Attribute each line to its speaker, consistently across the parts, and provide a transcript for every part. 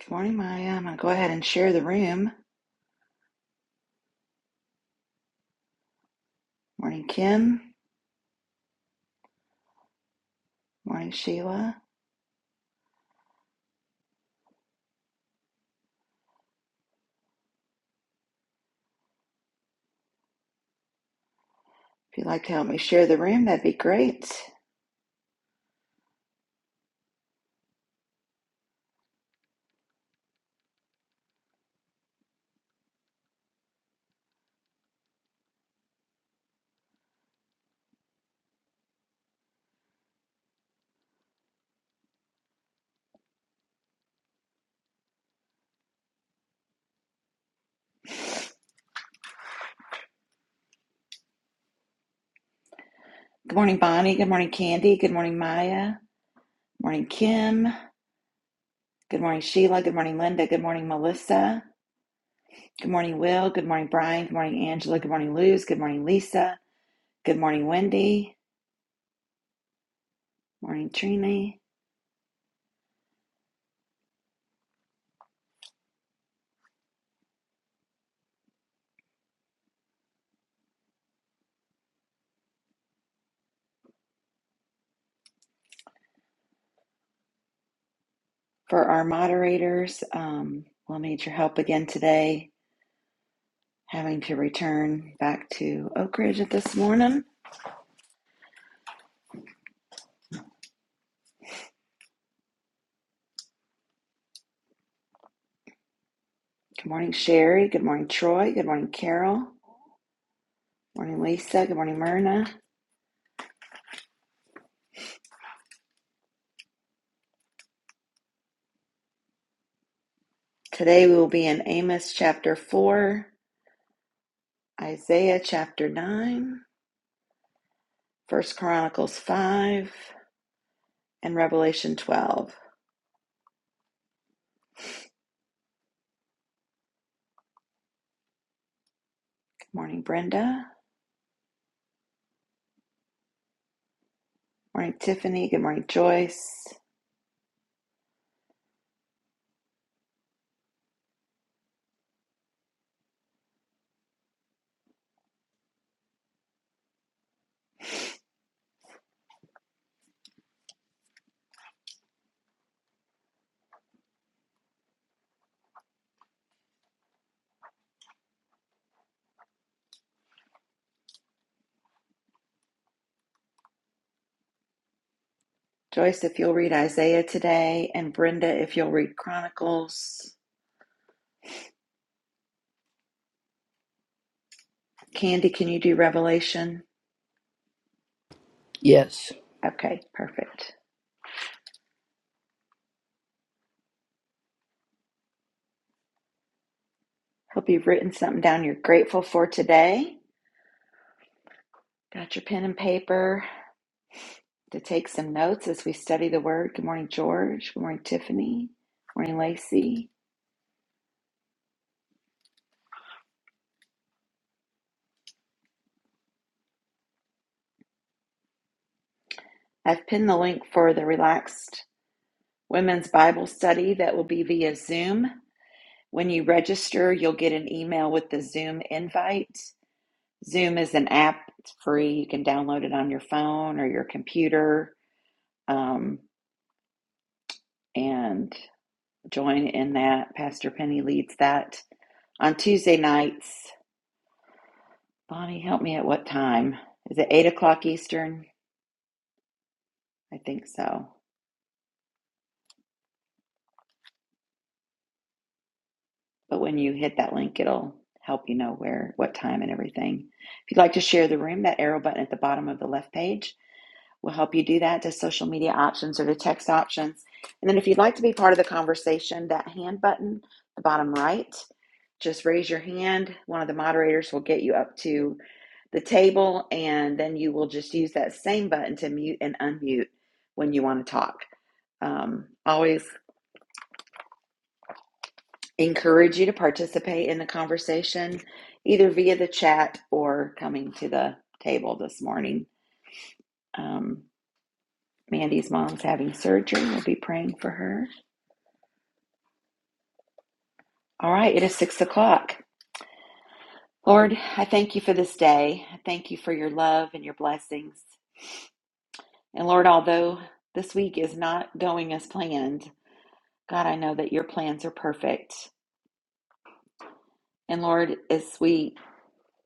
Speaker 1: Good morning, Maya. I'm going to go ahead and share the room. Morning, Kim. Morning, Sheila. If you'd like to help me share the room, that'd be great. Good morning, Bonnie. Good morning, Candy. Good morning, Maya. Morning, Kim. Good morning, Sheila. Good morning, Linda. Good morning, Melissa. Good morning, Will. Good morning, Brian. Good morning, Angela. Good morning, Luz. Good morning, Lisa. Good morning, Wendy. Morning, Trini. For our moderators, um, we'll need your help again today, having to return back to Oak Ridge at this morning. Good morning, Sherry. Good morning, Troy. Good morning, Carol. Good morning, Lisa. Good morning, Myrna. Today we will be in Amos chapter 4, Isaiah chapter 9, First Chronicles 5, and Revelation 12. Good morning, Brenda. Good morning, Tiffany. Good morning, Joyce. Joyce, if you'll read Isaiah today, and Brenda, if you'll read Chronicles. Candy, can you do Revelation?
Speaker 2: Yes.
Speaker 1: Okay, perfect. Hope you've written something down you're grateful for today. Got your pen and paper. to take some notes as we study the Word. Good morning, George. Good morning, Tiffany. Good morning, Lacey. I've pinned the link for the Relaxed Women's Bible Study that will be via Zoom. When you register, you'll get an email with the Zoom invite. Zoom is an app, it's free. You can download it on your phone or your computer um, and join in that. Pastor Penny leads that on Tuesday nights. Bonnie, help me at what time? Is it 8 o'clock Eastern? I think so. But when you hit that link, it'll help you know where, what time, and everything. If you'd like to share the room, that arrow button at the bottom of the left page will help you do that to social media options or to text options. And then if you'd like to be part of the conversation, that hand button, the bottom right, just raise your hand. One of the moderators will get you up to the table, and then you will just use that same button to mute and unmute when you want to talk. Um, always encourage you to participate in the conversation either via the chat or coming to the table this morning. Um, Mandy's mom's having surgery. We'll be praying for her. All right, it is six o'clock. Lord, I thank you for this day. I thank you for your love and your blessings. And Lord, although this week is not going as planned, God, I know that your plans are perfect. And Lord, as we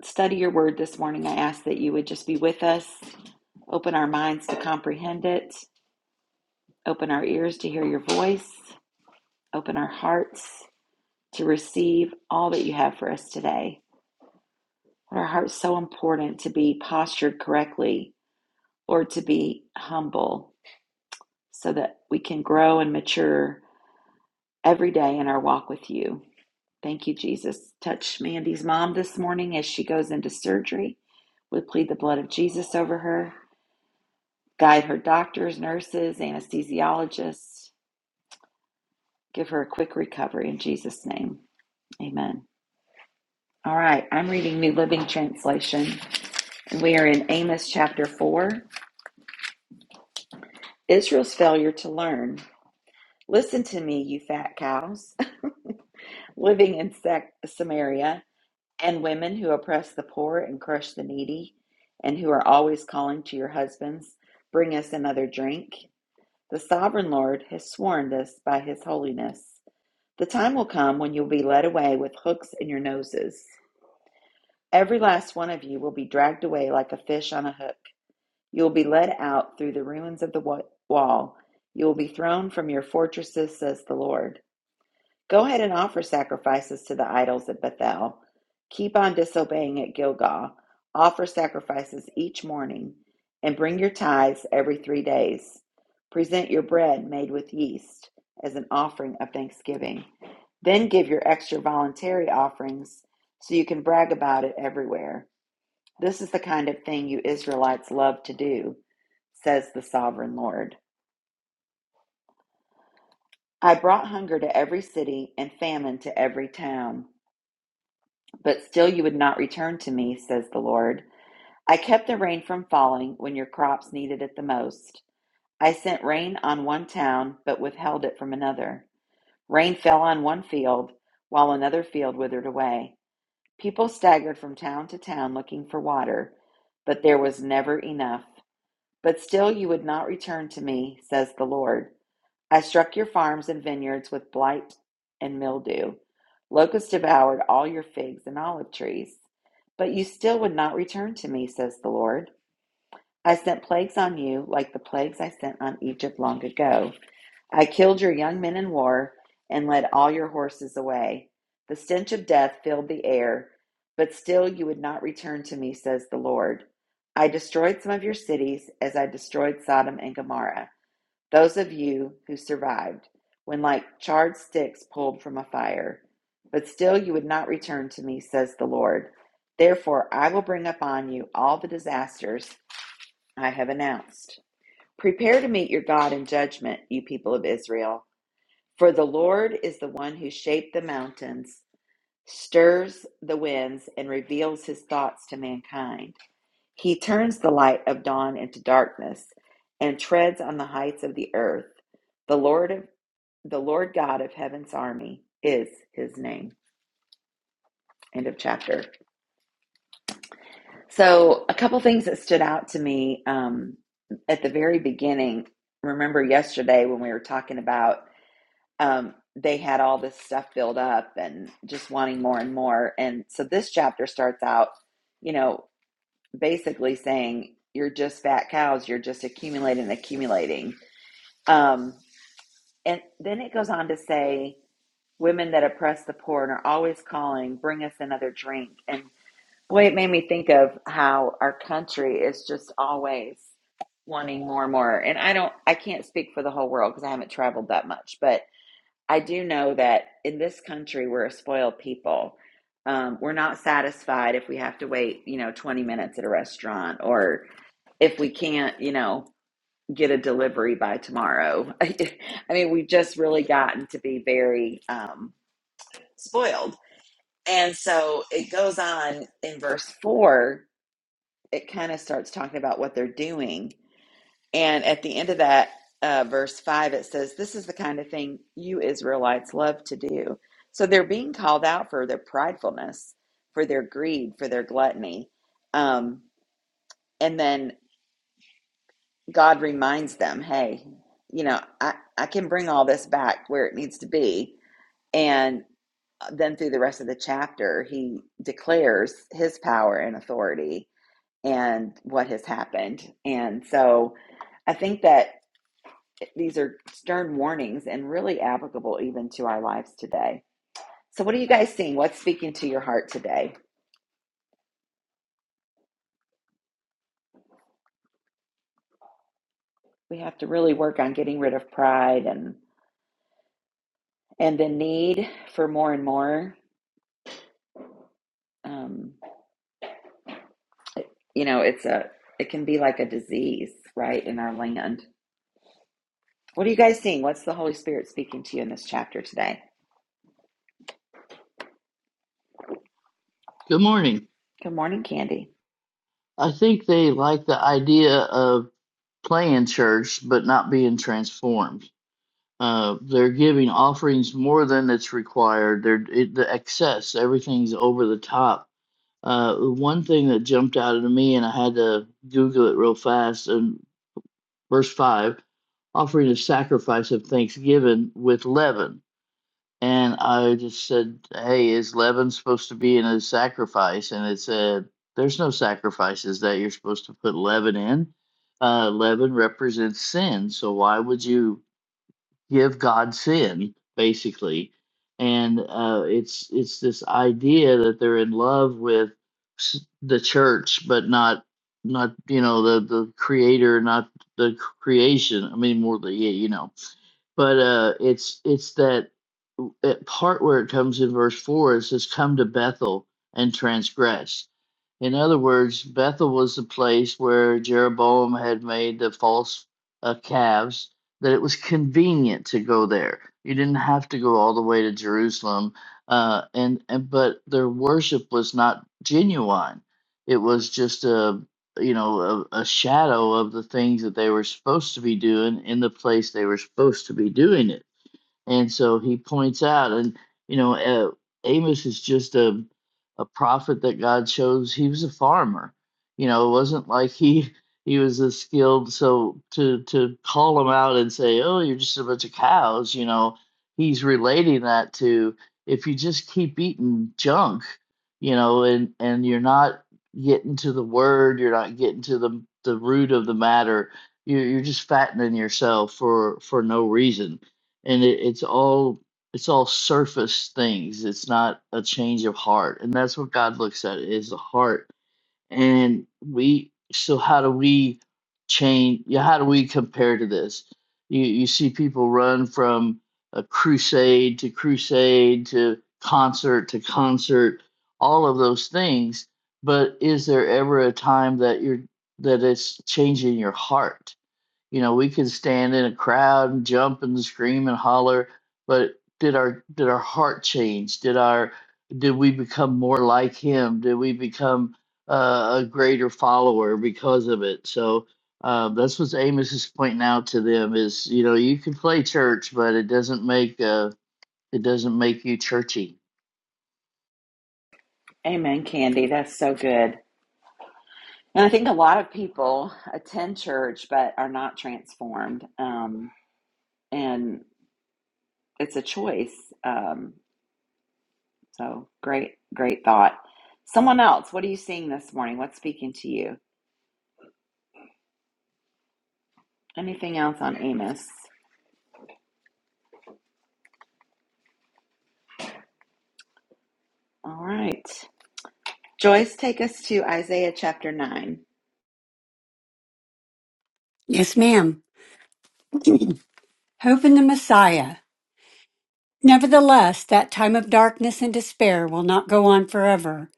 Speaker 1: study your word this morning. I ask that you would just be with us, open our minds to comprehend it, open our ears to hear your voice, open our hearts to receive all that you have for us today. Our heart's so important to be postured correctly or to be humble so that we can grow and mature every day in our walk with you. Thank you, Jesus. Touch Mandy's mom this morning as she goes into surgery. We plead the blood of Jesus over her. Guide her doctors, nurses, anesthesiologists. Give her a quick recovery in Jesus' name. Amen. All right, I'm reading New Living Translation, and we are in Amos chapter 4. Israel's failure to learn. Listen to me, you fat cows living in Samaria, and women who oppress the poor and crush the needy, and who are always calling to your husbands, Bring us another drink. The sovereign Lord has sworn this by his holiness. The time will come when you'll be led away with hooks in your noses. Every last one of you will be dragged away like a fish on a hook. You will be led out through the ruins of the wall. You will be thrown from your fortresses, says the Lord. Go ahead and offer sacrifices to the idols at Bethel. Keep on disobeying at Gilgal. Offer sacrifices each morning and bring your tithes every three days. Present your bread made with yeast as an offering of thanksgiving. Then give your extra voluntary offerings so you can brag about it everywhere. This is the kind of thing you Israelites love to do, says the sovereign Lord. I brought hunger to every city and famine to every town. But still you would not return to me, says the Lord. I kept the rain from falling when your crops needed it the most. I sent rain on one town, but withheld it from another. Rain fell on one field, while another field withered away. People staggered from town to town looking for water, but there was never enough. But still you would not return to me, says the Lord. I struck your farms and vineyards with blight and mildew. Locusts devoured all your figs and olive trees. But you still would not return to me, says the Lord. I sent plagues on you, like the plagues I sent on Egypt long ago. I killed your young men in war and led all your horses away. The stench of death filled the air, but still you would not return to me, says the Lord. I destroyed some of your cities as I destroyed Sodom and Gomorrah. Those of you who survived, when like charred sticks pulled from a fire, but still you would not return to me, says the Lord. Therefore, I will bring upon you all the disasters I have announced. Prepare to meet your God in judgment, you people of Israel, for the Lord is the one who shaped the mountains, stirs the winds, and reveals his thoughts to mankind. He turns the light of dawn into darkness and treads on the heights of the earth. The Lord of the Lord God of heaven's army is his name. End of chapter. So, a couple things that stood out to me um, at the very beginning. Remember yesterday when we were talking about um, they had all this stuff filled up and just wanting more and more. And so, this chapter starts out, you know, basically saying, You're just fat cows, you're just accumulating, accumulating. Um, and then it goes on to say, Women that oppress the poor and are always calling, bring us another drink. And boy, it made me think of how our country is just always wanting more and more. And I don't, I can't speak for the whole world because I haven't traveled that much, but I do know that in this country, we're a spoiled people. Um, we're not satisfied if we have to wait, you know, 20 minutes at a restaurant or if we can't, you know, get a delivery by tomorrow. I mean, we've just really gotten to be very um, spoiled and so it goes on in verse four, it kind of starts talking about what they're doing. And at the end of that, uh, verse five, it says, This is the kind of thing you Israelites love to do. So they're being called out for their pridefulness, for their greed, for their gluttony. Um, and then God reminds them, Hey, you know, I, I can bring all this back where it needs to be. And then through the rest of the chapter, he declares his power and authority and what has happened. And so I think that these are stern warnings and really applicable even to our lives today. So, what are you guys seeing? What's speaking to your heart today? We have to really work on getting rid of pride and and the need for more and more. Um, you know, it's a it can be like a disease, right, in our land. What are you guys seeing? What's the Holy Spirit speaking to you in this chapter today?
Speaker 2: Good morning.
Speaker 1: Good morning, Candy.
Speaker 2: I think they like the idea of playing church but not being transformed. Uh, they're giving offerings more than it's required. They're it, the excess. Everything's over the top. Uh, one thing that jumped out at me, and I had to Google it real fast. And verse five, offering a sacrifice of thanksgiving with leaven. And I just said, Hey, is leaven supposed to be in a sacrifice? And it said, There's no sacrifices that you're supposed to put leaven in. Uh, leaven represents sin. So why would you give God sin, basically? And uh, it's it's this idea that they're in love with s- the church, but not not you know the the creator, not the creation. I mean, more the yeah, you know but uh, it's it's that w- that part where it comes in verse four. It says, "Come to Bethel and transgress." In other words, Bethel was the place where Jeroboam had made the false uh, calves, that it was convenient to go there. You didn't have to go all the way to Jerusalem. Uh, and, and but their worship was not genuine. It was just a you know a, a shadow of the things that they were supposed to be doing in the place they were supposed to be doing it and so he points out, and you know, uh, Amos is just a a prophet that God chose. He was a farmer. You know, it wasn't like he he was a skilled. So to to call him out and say, "Oh, you're just a bunch of cows," you know, he's relating that to if you just keep eating junk, you know, and and you're not getting to the word, you're not getting to the the root of the matter. You're, you're just fattening yourself for for no reason and it, it's all it's all surface things it's not a change of heart and that's what god looks at is the heart and we so how do we change yeah how do we compare to this you you see people run from a crusade to crusade to concert to concert all of those things but is there ever a time that you're that it's changing your heart you know, we could stand in a crowd and jump and scream and holler, but did our did our heart change? Did our did we become more like him? Did we become uh, a greater follower because of it? So uh, that's what Amos is pointing out to them is you know you can play church, but it doesn't make uh, it doesn't make you churchy.
Speaker 1: Amen, Candy. That's so good. And I think a lot of people attend church but are not transformed. Um, and it's a choice. Um, so great, great thought. Someone else, what are you seeing this morning? What's speaking to you? Anything else on Amos? All right. Joyce, take us to Isaiah chapter 9.
Speaker 3: Yes, ma'am. Hope in the Messiah. Nevertheless, that time of darkness and despair will not go on forever.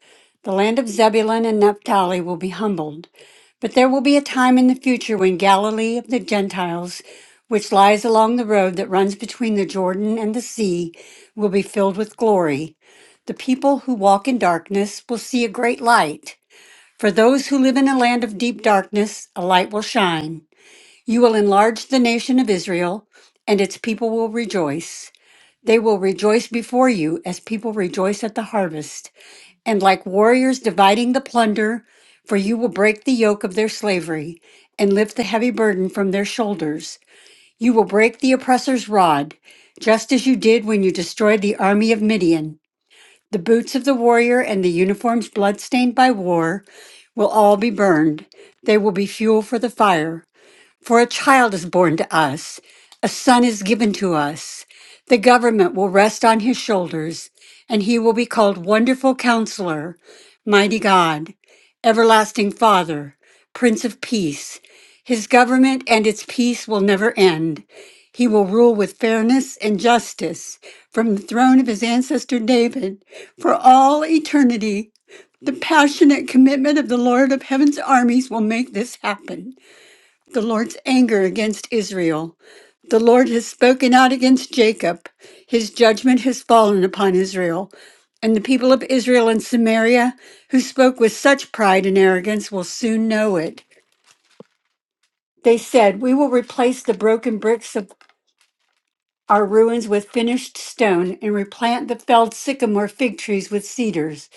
Speaker 3: The land of Zebulun and Naphtali will be humbled. But there will be a time in the future when Galilee of the Gentiles, which lies along the road that runs between the Jordan and the sea, will be filled with glory. The people who walk in darkness will see a great light. For those who live in a land of deep darkness, a light will shine. You will enlarge the nation of Israel, and its people will rejoice. They will rejoice before you as people rejoice at the harvest, and like warriors dividing the plunder, for you will break the yoke of their slavery and lift the heavy burden from their shoulders. You will break the oppressor's rod, just as you did when you destroyed the army of Midian. The boots of the warrior and the uniforms bloodstained by war will all be burned. They will be fuel for the fire. For a child is born to us, a son is given to us. The government will rest on his shoulders, and he will be called Wonderful Counselor, Mighty God, Everlasting Father, Prince of Peace. His government and its peace will never end. He will rule with fairness and justice from the throne of his ancestor David for all eternity. The passionate commitment of the Lord of Heaven's armies will make this happen the Lord's anger against Israel. The Lord has spoken out against Jacob. His judgment has fallen upon Israel. And the people of Israel and Samaria, who spoke with such pride and arrogance, will soon know it. They said, We will replace the broken bricks of our ruins with finished stone and replant the felled sycamore fig trees with cedars.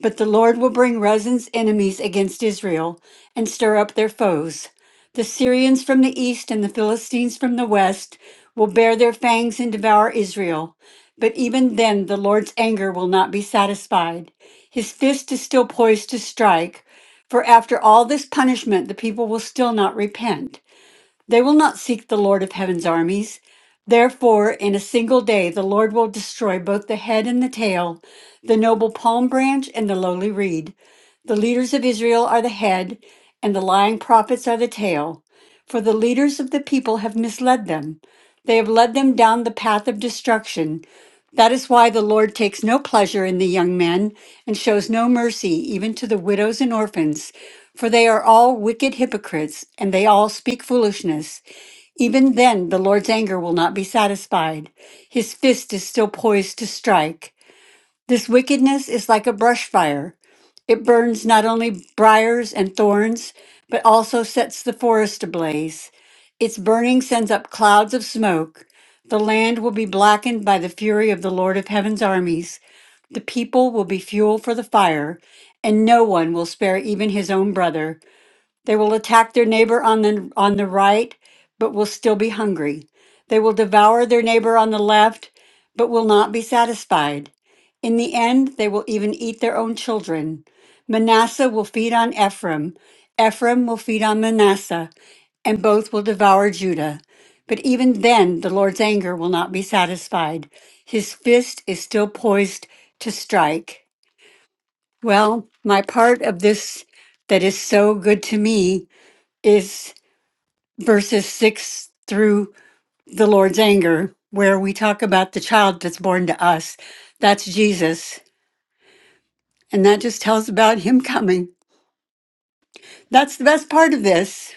Speaker 3: But the Lord will bring Rezin's enemies against Israel and stir up their foes. The Syrians from the east and the Philistines from the west will bear their fangs and devour Israel. But even then, the Lord's anger will not be satisfied. His fist is still poised to strike, for after all this punishment, the people will still not repent. They will not seek the Lord of heaven's armies. Therefore, in a single day, the Lord will destroy both the head and the tail, the noble palm branch and the lowly reed. The leaders of Israel are the head, and the lying prophets are the tail. For the leaders of the people have misled them. They have led them down the path of destruction. That is why the Lord takes no pleasure in the young men and shows no mercy even to the widows and orphans. For they are all wicked hypocrites, and they all speak foolishness. Even then, the Lord's anger will not be satisfied. His fist is still poised to strike. This wickedness is like a brush fire. It burns not only briars and thorns, but also sets the forest ablaze. Its burning sends up clouds of smoke. The land will be blackened by the fury of the Lord of heaven's armies. The people will be fuel for the fire, and no one will spare even his own brother. They will attack their neighbor on the on the right, but will still be hungry. They will devour their neighbor on the left, but will not be satisfied. In the end, they will even eat their own children. Manasseh will feed on Ephraim. Ephraim will feed on Manasseh, and both will devour Judah. But even then, the Lord's anger will not be satisfied. His fist is still poised to strike. Well, my part of this that is so good to me is verses 6 through the Lord's anger, where we talk about the child that's born to us. That's Jesus. And that just tells about him coming. That's the best part of this.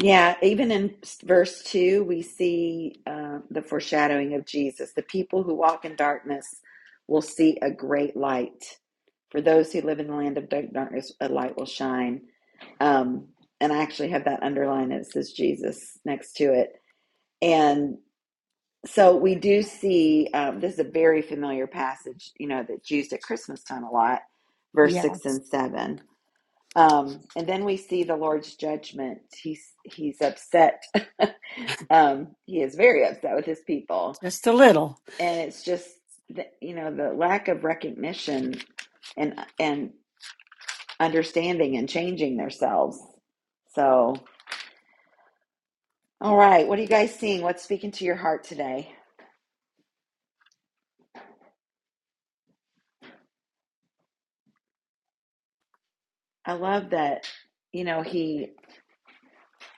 Speaker 1: Yeah, even in verse 2, we see uh, the foreshadowing of Jesus. The people who walk in darkness will see a great light. For those who live in the land of dark darkness, a light will shine. Um, and I actually have that underlined. It says Jesus next to it. And so we do see um, this is a very familiar passage, you know, that's used at Christmas time a lot, verse
Speaker 3: Yeah,
Speaker 1: six
Speaker 3: it's
Speaker 1: and seven. Um, and then we see the Lord's judgment. He's he's upset. um, he is very upset with his people,
Speaker 3: just a little.
Speaker 1: and it's just the, you know the lack of recognition and and understanding and changing themselves. So, all right, what are you guys seeing? What's speaking to your heart today? I love that, you know, he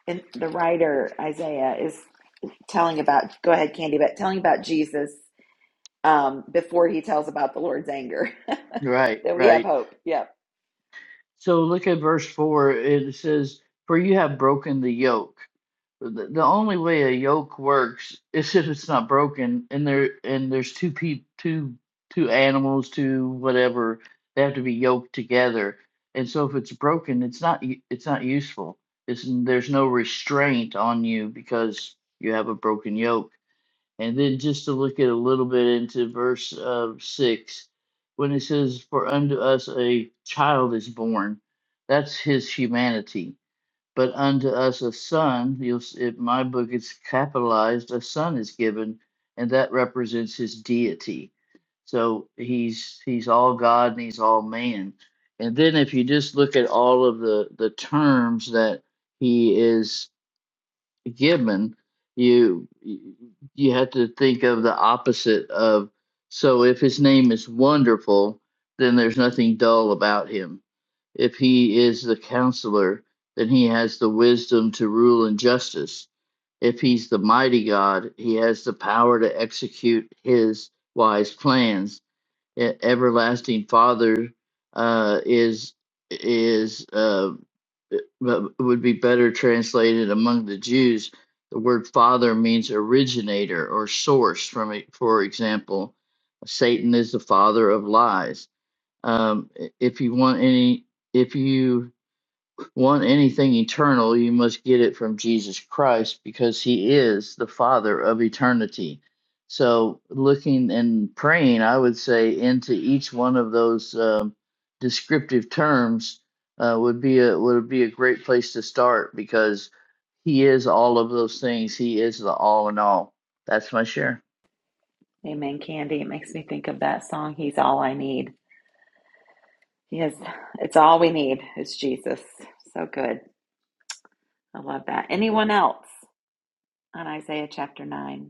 Speaker 1: and the writer Isaiah is telling about go ahead, Candy, but telling about Jesus um, before he tells about the Lord's anger.
Speaker 2: Right,
Speaker 1: that we have
Speaker 2: right.
Speaker 1: hope. Yep.
Speaker 2: So look at verse four. It says, "For you have broken the yoke." The, the only way a yoke works is if it's not broken, and there and there's two pe two two animals, two whatever. They have to be yoked together, and so if it's broken, it's not u- it's not useful. It's there's no restraint on you because you have a broken yoke. And then just to look at a little bit into verse uh, six, when it says, "For unto us a child is born," that's his humanity but unto us a son you'll in my book it's capitalized a son is given and that represents his deity so he's he's all god and he's all man and then if you just look at all of the the terms that he is given you you have to think of the opposite of so if his name is wonderful then there's nothing dull about him if he is the counselor then he has the wisdom to rule in justice if he's the mighty god he has the power to execute his wise plans e- everlasting father uh, is is uh, e, but would be better translated among the Jews. The word father means originator or source. From e- for example, Satan is the father of lies. Um, i- if you want any, if you want anything eternal, you must get it from Jesus Christ because He is the Father of eternity. So, looking and praying, I would say, into each one of those um, descriptive terms uh, would be a would be a great place to start because He is all of those things. He is the all in all. That's my share.
Speaker 1: Amen, Candy. It makes me think of that song, He's All I Need. He is it's all we need is Jesus. So good. I love that. Anyone else on Isaiah chapter nine?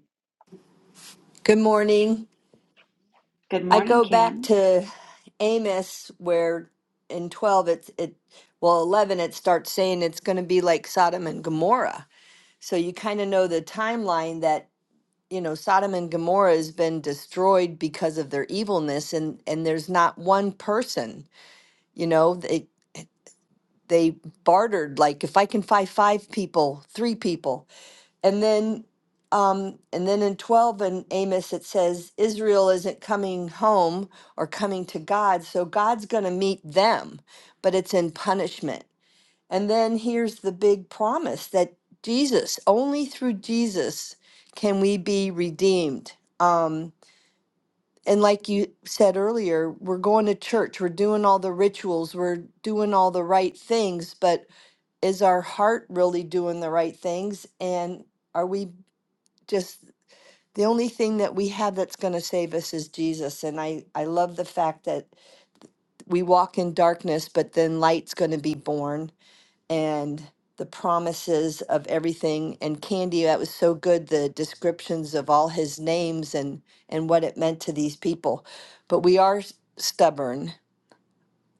Speaker 4: Good morning.
Speaker 1: Good
Speaker 4: I
Speaker 1: morning,
Speaker 4: go back
Speaker 1: Kim.
Speaker 4: to Amos where in 12 it's it well 11 it starts saying it's going to be like Sodom and Gomorrah. So you kind of know the timeline that you know Sodom and Gomorrah has been destroyed because of their evilness and and there's not one person, you know, they they bartered like if I can find five people, three people And then um and then in 12 and Amos it says Israel isn't coming home or coming to God, so God's going to meet them, but it's in punishment. And then here's the big promise that Jesus, only through Jesus can we be redeemed. Um and like you said earlier, we're going to church, we're doing all the rituals, we're doing all the right things, but is our heart really doing the right things and are we just the only thing that we have that's going to save us is Jesus. And I, I love the fact that we walk in darkness, but then light's going to be born and the promises of everything. And Candy, that was so good, the descriptions of all his names and, and what it meant to these people. But we are s- stubborn,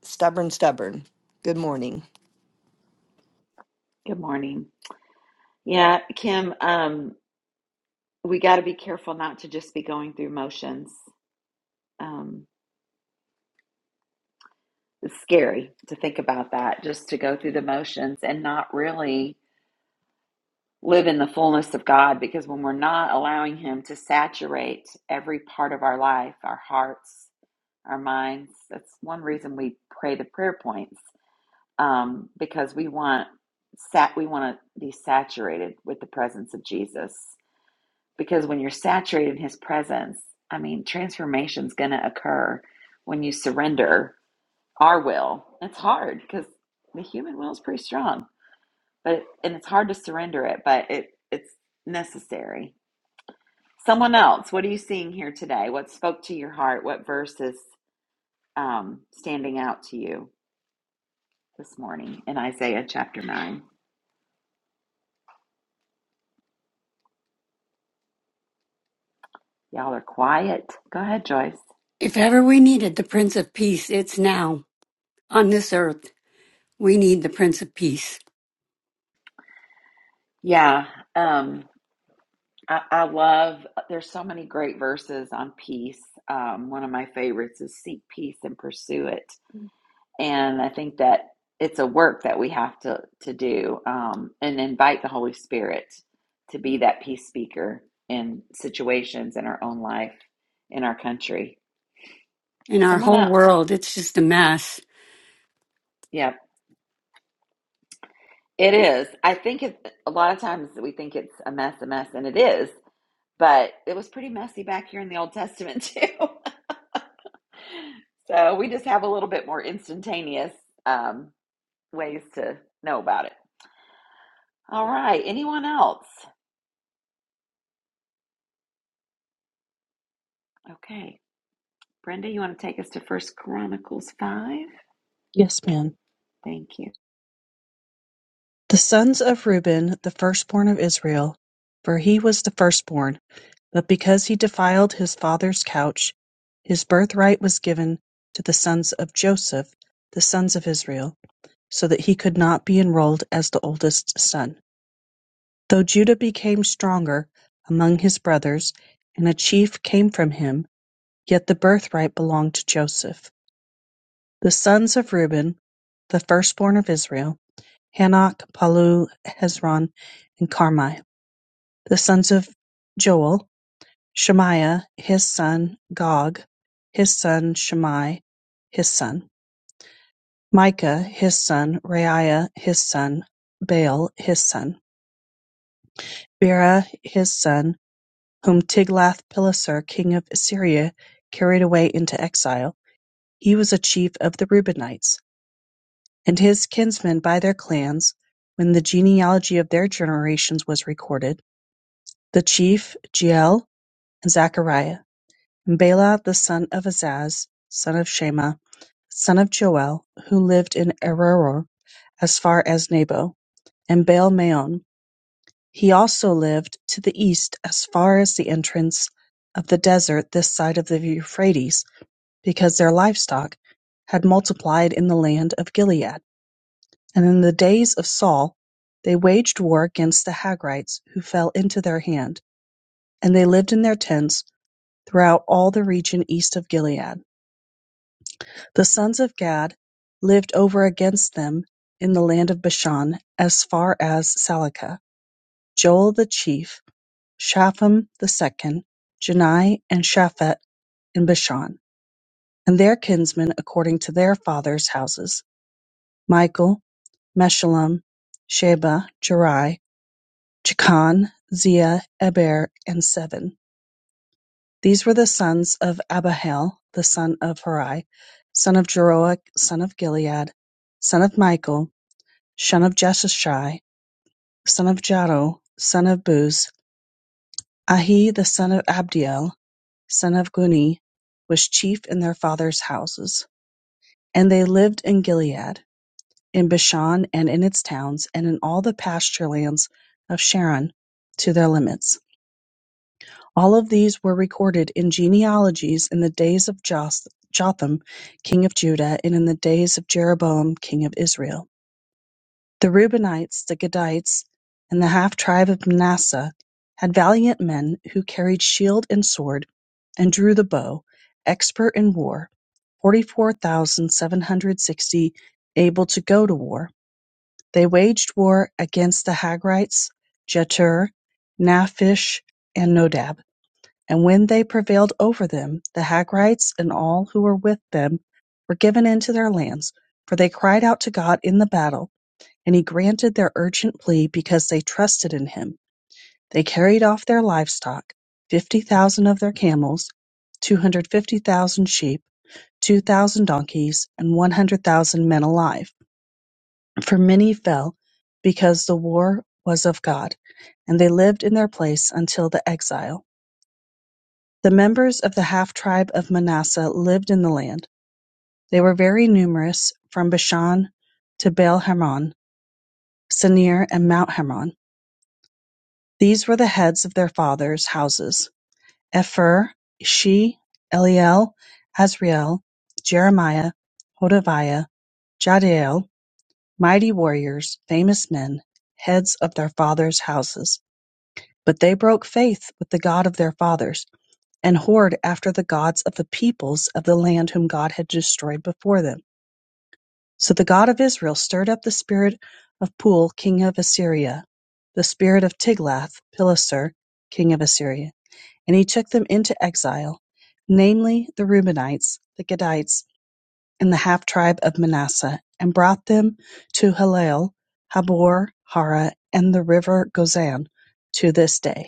Speaker 4: stubborn, stubborn. Good morning.
Speaker 1: Good morning. Yeah, Kim, um, we got to be careful not to just be going through motions. Um, it's scary to think about that, just to go through the motions and not really live in the fullness of God, because when we're not allowing Him to saturate every part of our life, our hearts, our minds, that's one reason we pray the prayer points, um, because we want sat we want to be saturated with the presence of Jesus because when you're saturated in his presence, I mean, transformation's going to occur when you surrender our will. It's hard because the human will is pretty strong, but and it's hard to surrender it, but it it's necessary. Someone else, what are you seeing here today? What spoke to your heart? What verse is um, standing out to you this morning in Isaiah chapter nine? Y'all are quiet. Go ahead, Joyce.
Speaker 3: If ever we needed the Prince of Peace, it's now. On this earth, we need the Prince of Peace.
Speaker 1: Yeah. Um, I, I love, uh, there's so many great verses on peace. Um, one of my favorites is seek peace and pursue it. And I think that it's a work that we have to, to do um, and invite the Holy Spirit to be that peace speaker in situations in our own life, in our country.
Speaker 3: In our
Speaker 1: Someone
Speaker 3: whole
Speaker 1: else,
Speaker 3: world, it's just a mess.
Speaker 1: yeah, it is. I think it, a lot of times we think it's a mess, a mess, and it is, but it was pretty messy back here in the Old Testament too. So we just have a little bit more instantaneous um, ways to know about it. All right. Anyone else? Okay. Brenda, you want to take us to First Chronicles 5?
Speaker 5: Yes, ma'am.
Speaker 1: Thank you.
Speaker 5: The sons of Reuben, the firstborn of Israel, for he was the firstborn, but because he defiled his father's couch, his birthright was given to the sons of Joseph, the sons of Israel, so that he could not be enrolled as the oldest son. Though Judah became stronger among his brothers, and a chief came from him, yet the birthright belonged to Joseph. The sons of Reuben, the firstborn of Israel, Hanok, Pallu, Hezron and Carmi, the sons of Joel; Shemaiah his son; Gog his son; Shammai his son; Micah his son; Reiah his son; Baal his son; Bera his son, whom Tiglath-Pileser king of Assyria carried away into exile; he was a chief of the Reubenites; and his kinsmen by their clans, when the genealogy of their generations was recorded. The chief, Jeiel, and Zechariah; and Bela the son of Azaz, son of Shema, son of Joel, who lived in Aroer as far as Nebo, and Baal-meon; he also lived to the east as far as the entrance of the desert this side of the Euphrates, because their livestock had multiplied in the land of Gilead. And in the days of Saul they waged war against the Hagrites, who fell into their hand. And they lived in their tents throughout all the region east of Gilead. The sons of Gad lived over against them in the land of Bashan, as far as Salica. Joel the chief, Shapham the second, Janai and Shaphat in Bashan, and their kinsmen according to their fathers' houses: Michael, Meshullam, Sheba, Jerai, Jechan, Zia, Eber, and Seven. These were the sons of Abihail the son of Huri, son of Jaroah son of Gilead, son of Michael, son of Jeshashai, son of Jado, son of Buz. Ahi the son of Abdiel, son of Guni, was chief in their fathers' houses. And they lived in Gilead, in Bashan and in its towns, and in all the pasture lands of Sharon to their limits. All of these were recorded in genealogies in the days of Jotham, king of Judah, and in the days of Jeroboam, king of Israel. The Reubenites, the Gadites, and the half tribe of Manasseh had valiant men who carried shield and sword and drew the bow, expert in war, 44,760 able to go to war. They waged war against the Hagrites, Jetur, Naphish, and Nodab. And when they prevailed over them, the Hagrites and all who were with them were given into their lands, for they cried out to God in the battle, and he granted their urgent plea because they trusted in him. They carried off their livestock, 50,000 of their camels, 250,000 sheep, 2,000 donkeys, and 100,000 men alive. For many fell because the war was of God, and they lived in their place until the exile. The members of the half-tribe of Manasseh lived in the land; they were very numerous from Bashan to Baal-Hermon, Senir and Mount Hermon. These were the heads of their fathers' houses: Epher, Ishi, Eliel, Azriel, Jeremiah, Hodaviah, Jahdiel, mighty warriors, famous men, heads of their fathers' houses. But they broke faith with the God of their fathers. and whored after the gods of the peoples of the land whom God had destroyed before them. So the God of Israel stirred up the spirit of Pul, king of Assyria, the spirit of Tiglath-Pileser, king of Assyria, and he took them into exile, namely the Reubenites, the Gadites, and the half tribe of Manasseh, and brought them to Halel, Habor, Hara, and the river Gozan to this day.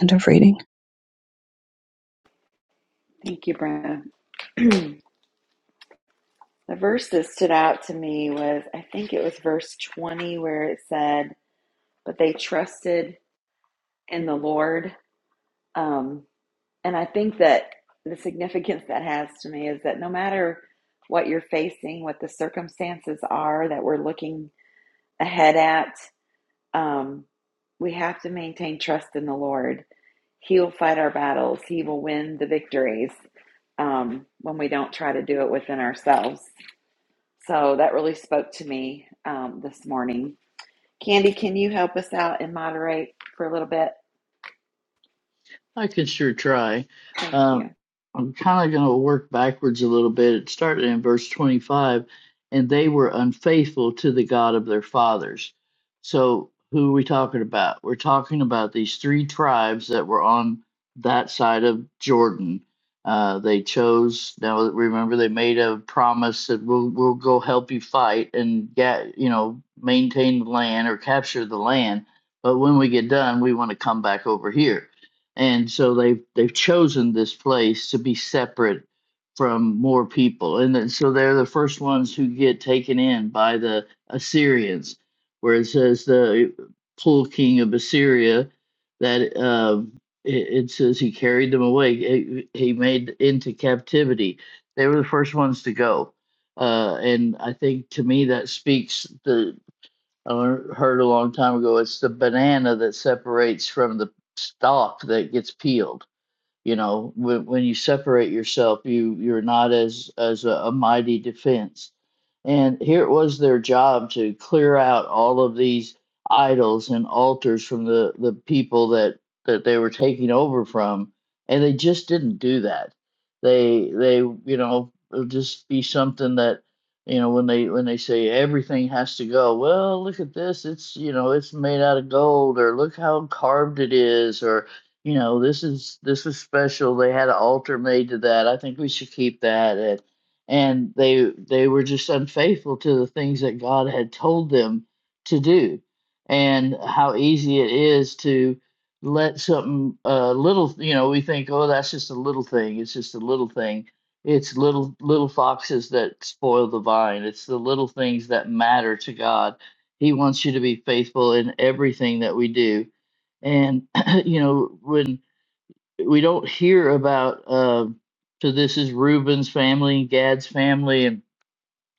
Speaker 5: End of reading.
Speaker 1: Thank you, Brenda. the verse that stood out to me was I think it was verse 20 where it said, But they trusted in the Lord. Um, and I think that the significance that has to me is that no matter what you're facing, what the circumstances are that we're looking ahead at. Um, we have to maintain trust in the Lord. He will fight our battles, He will win the victories um, when we don't try to do it within ourselves. So that really spoke to me um, this morning. Candy, can you help us out and moderate for a little bit?
Speaker 2: I can sure try.
Speaker 1: Thank you.
Speaker 2: Um, I'm kind of going to work backwards a little bit. It started in verse 25, and they were unfaithful to the God of their fathers. So, who are we talking about? We're talking about these three tribes that were on that side of Jordan. Uh, they chose. Now, remember, they made a promise that we'll we'll go help you fight and get you know maintain the land or capture the land. But when we get done, we want to come back over here and so they've they've chosen this place to be separate from more people and then, so they're the first ones who get taken in by the assyrians where it says the pool king of assyria that uh, it, it says he carried them away he he made into captivity they were the first ones to go uh, and i think to me that speaks the I heard a long time ago it's the banana that separates from the stalk that gets peeled you know when, when you separate yourself you you're not as as a, a mighty defense and here it was their job to clear out all of these idols and altars from the the people that that they were taking over from and they just didn't do that they they you know it'll just be something that you know when they when they say everything has to go well look at this it's you know it's made out of gold or look how carved it is or you know this is this was special they had an altar made to that i think we should keep that and and they they were just unfaithful to the things that god had told them to do and how easy it is to let something uh, little you know we think oh that's just a little thing it's just a little thing it's little little foxes that spoil the vine it's the little things that matter to god he wants you to be faithful in everything that we do and you know when we don't hear about uh, so this is Reuben's family, Gad's family, and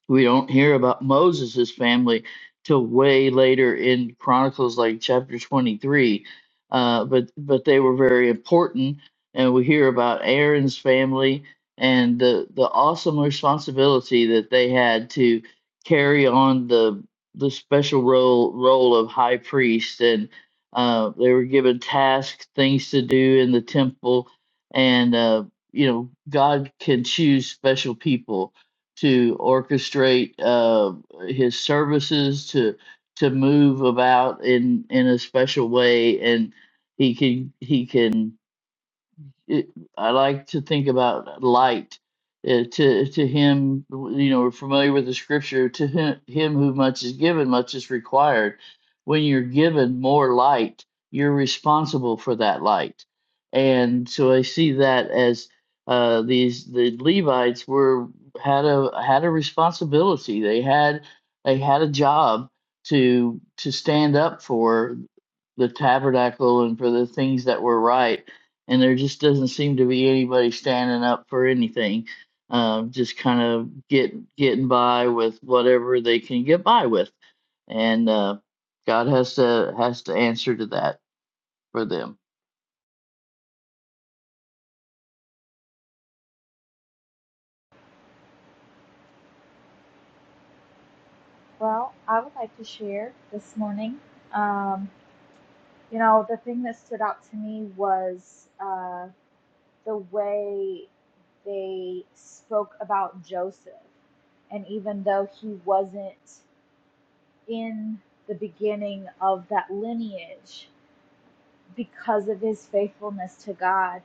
Speaker 2: we don't hear about Moses' family till way later in Chronicles, like chapter 23. Uh, but but they were very important, and we hear about Aaron's family and the the awesome responsibility that they had to carry on the the special role role of high priest, and uh, they were given tasks, things to do in the temple, and uh, you know God can choose special people to orchestrate uh, his services to to move about in in a special way and he can he can it, I like to think about light. Uh, to to him, you know, we're familiar with the scripture. To him, him who much is given, much is required. When you're given more light, you're responsible for that light, and so I see that as uh, these the Levites were had a had a responsibility. They had they had a job to to stand up for the tabernacle and for the things that were right. And there just doesn't seem to be anybody standing up for anything. Um, just kind of get getting by with whatever they can get by with, and uh, God has to has to answer to that for them.
Speaker 6: Well, I would like to share this morning. Um, you know, the thing that stood out to me was uh, the way they spoke about Joseph. And even though he wasn't in the beginning of that lineage, because of his faithfulness to God,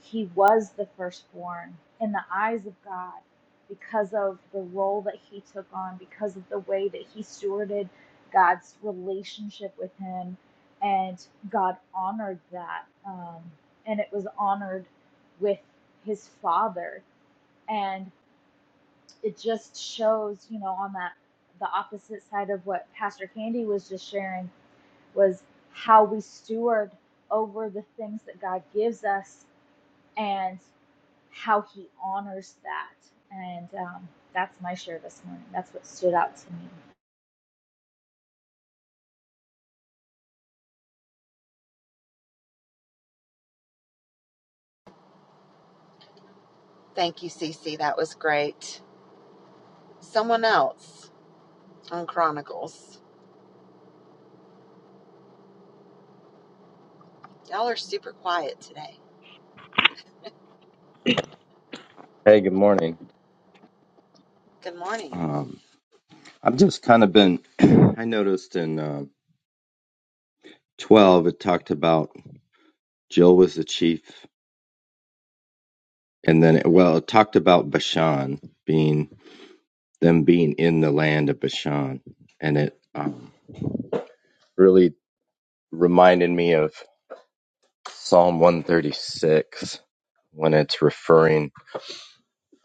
Speaker 6: he was the firstborn in the eyes of God because of the role that he took on, because of the way that he stewarded God's relationship with him. And God honored that. Um, and it was honored with his father. And it just shows, you know, on that, the opposite side of what Pastor Candy was just sharing was how we steward over the things that God gives us and how He honors that. And um, that's my share this morning. That's what stood out to me.
Speaker 1: Thank you, Cece. That was great. Someone else on Chronicles. Y'all are super quiet today.
Speaker 7: Hey, good morning.
Speaker 1: Good morning.
Speaker 7: Um, I've just kind of been, I noticed in uh, 12, it talked about Jill was the chief, and then, it, well, it talked about Bashan being, them being in the land of Bashan. And it um, really reminded me of Psalm 136 when it's referring,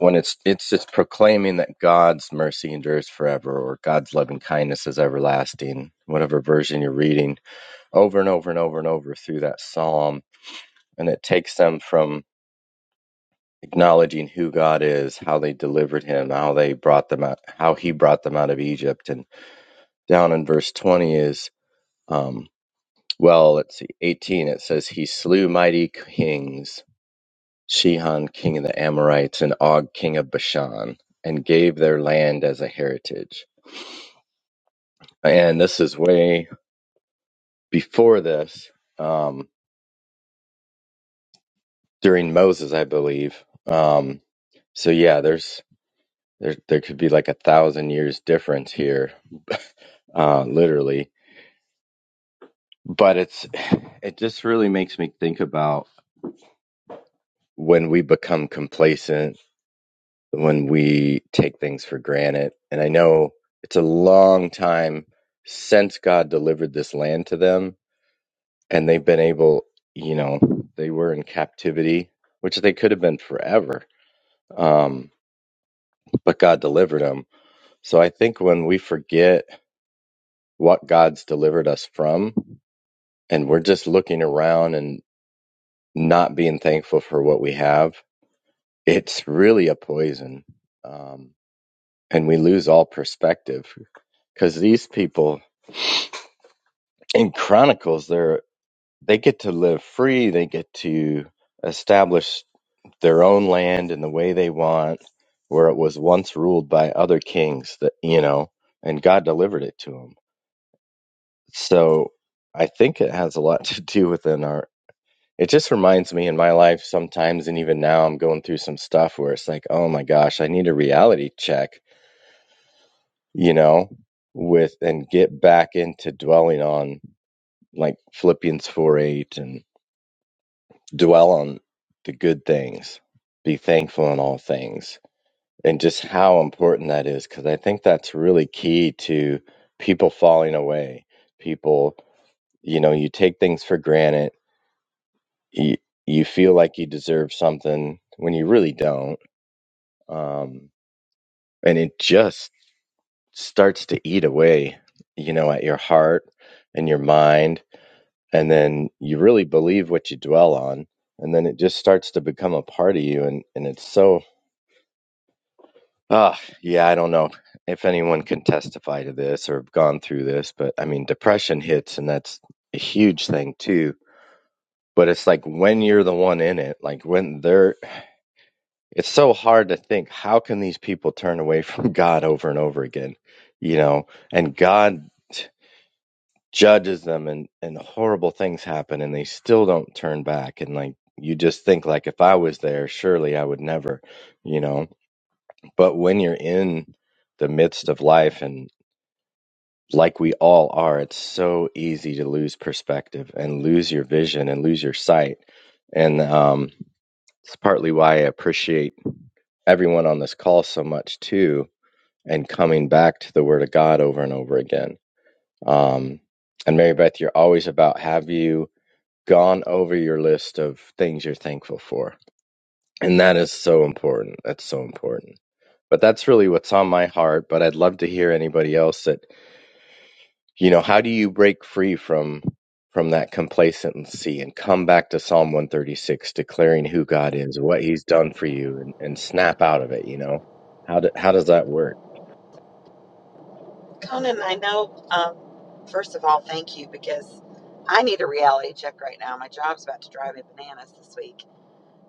Speaker 7: when it's, it's just proclaiming that God's mercy endures forever or God's loving kindness is everlasting, whatever version you're reading over and over and over and over through that psalm. And it takes them from acknowledging who God is, how they delivered him, how they brought them out, how he brought them out of Egypt. And down in verse 20 is, um, well, let's see, 18, it says, He slew mighty kings, Shihan, king of the Amorites, and Og, king of Bashan, and gave their land as a heritage. And this is way before this, um, during Moses, I believe. Um, so yeah, there's There, there could be like a thousand years difference here, uh, literally. But it's, it just really makes me think about when we become complacent, when we take things for granted. And I know it's a long time since God delivered this land to them, and they've been able, you know, they were in captivity, which they could have been forever. Um, but God delivered them. So I think when we forget what God's delivered us from, and we're just looking around and not being thankful for what we have, it's really a poison. Um, and we lose all perspective because these people in Chronicles, they're, they get to live free. They get to establish their own land in the way they want, where it was once ruled by other kings that, you know, and God delivered it to them. So I think it has a lot to do within our it just reminds me in my life sometimes and even now i'm going through some stuff where it's like oh my gosh i need a reality check you know with and get back into dwelling on like philippians 4 8 and dwell on the good things be thankful in all things and just how important that is because i think that's really key to people falling away people you know you take things for granted you, you feel like you deserve something when you really don't um, and it just starts to eat away, you know, at your heart and your mind, and then you really believe what you dwell on, and then it just starts to become a part of you, and and it's so ah yeah, I don't know if anyone can testify to this or have gone through this, but I mean, depression hits, and that's a huge thing too. But it's like when you're the one in it, like when they're it's so hard to think how can these people turn away from God over and over again, you know, and God judges them and and horrible things happen and they still don't turn back and like you just think like if I was there surely I would never, you know, but when you're in the midst of life and like we all are, it's so easy to lose perspective and lose your vision and lose your sight. And um, it's partly why I appreciate everyone on this call so much too, and coming back to the Word of God over and over again. Um, and Mary Beth, you're always about have you gone over your list of things you're thankful for? And that is so important. That's so important. But that's really what's on my heart. But I'd love to hear anybody else that, you know, how do you break free from from that complacency and come back to Psalm 136, declaring who God is, what He's done for you, and, and snap out of it, you know? How, do, how does that work?
Speaker 1: Conan, I know, um, first of all, thank you because I need a reality check right now. My job's about to drive me bananas this week.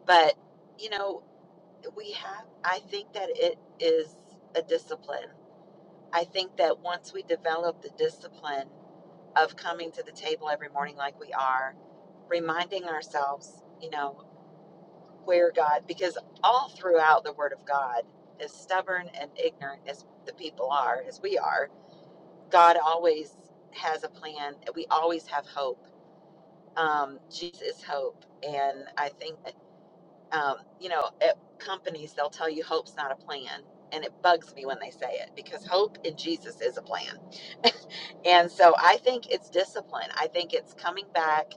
Speaker 1: But, you know, we have, I think that it is a discipline. I think that once we develop the discipline of coming to the table every morning like we are, reminding ourselves, you know, where God, because all throughout the Word of God, as stubborn and ignorant as the people are, as we are, God always has a plan. We always have hope. Um, Jesus is hope. And I think that, um, you know, at companies, they'll tell you hope's not a plan. And it bugs me when they say it because hope in Jesus is a plan. And so I think it's discipline. I think it's coming back,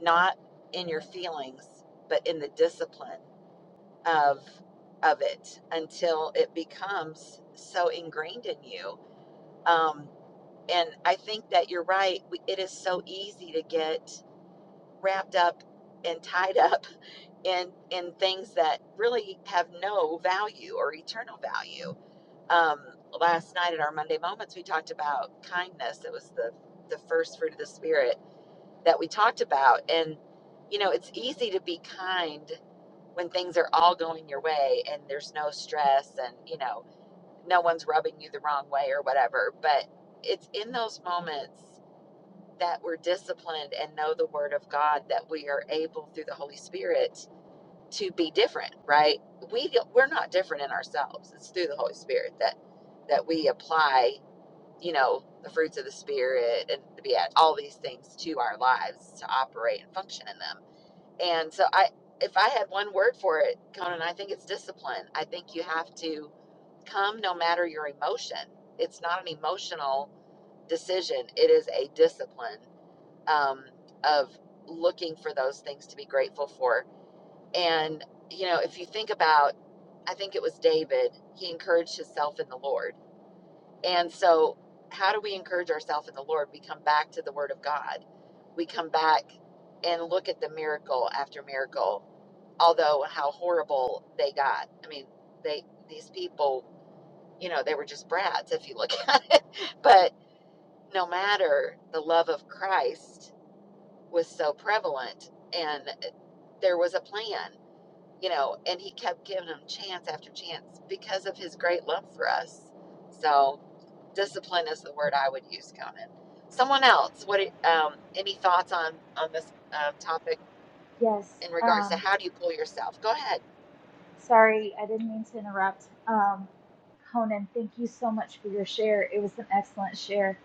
Speaker 1: not in your feelings, but in the discipline of of it until it becomes so ingrained in you. Um, And I think that you're right. It is so easy to get wrapped up and tied up in in things that really have no value or eternal value. Um, last night at our Monday moments, we talked about kindness. It was the the first fruit of the spirit that we talked about, and you know, it's easy to be kind when things are all going your way and there's no stress and you know no one's rubbing you the wrong way or whatever but it's in those moments that we're disciplined and know the word of God that we are able through the Holy Spirit to be different, right? We we're not different in ourselves. It's through the Holy Spirit that that we apply, you know, the fruits of the spirit and to be at all these things to our lives to operate and function in them. And so I if I had one word for it, Conan, I think it's discipline. I think you have to come no matter your emotion. It's not an emotional decision. It is a discipline um, of looking for those things to be grateful for. And, you know, if you think about, I think it was David, he encouraged himself in the Lord. And so, how do we encourage ourselves in the Lord? We come back to the Word of God. We come back and look at the miracle after miracle, although how horrible they got. I mean, they these people, you know, they were just brats if you look at it. But no matter the love of Christ was so prevalent and uh, there was a plan you know and he kept giving them chance after chance because of his great love for us so discipline is the word i would use conan someone else what um, any thoughts on on this um, topic
Speaker 6: Yes.
Speaker 1: in regards to
Speaker 6: Um,
Speaker 1: how do you pull yourself go ahead
Speaker 6: sorry, I didn't mean to interrupt. Um, Conan, thank you so much for your share. It was an excellent share.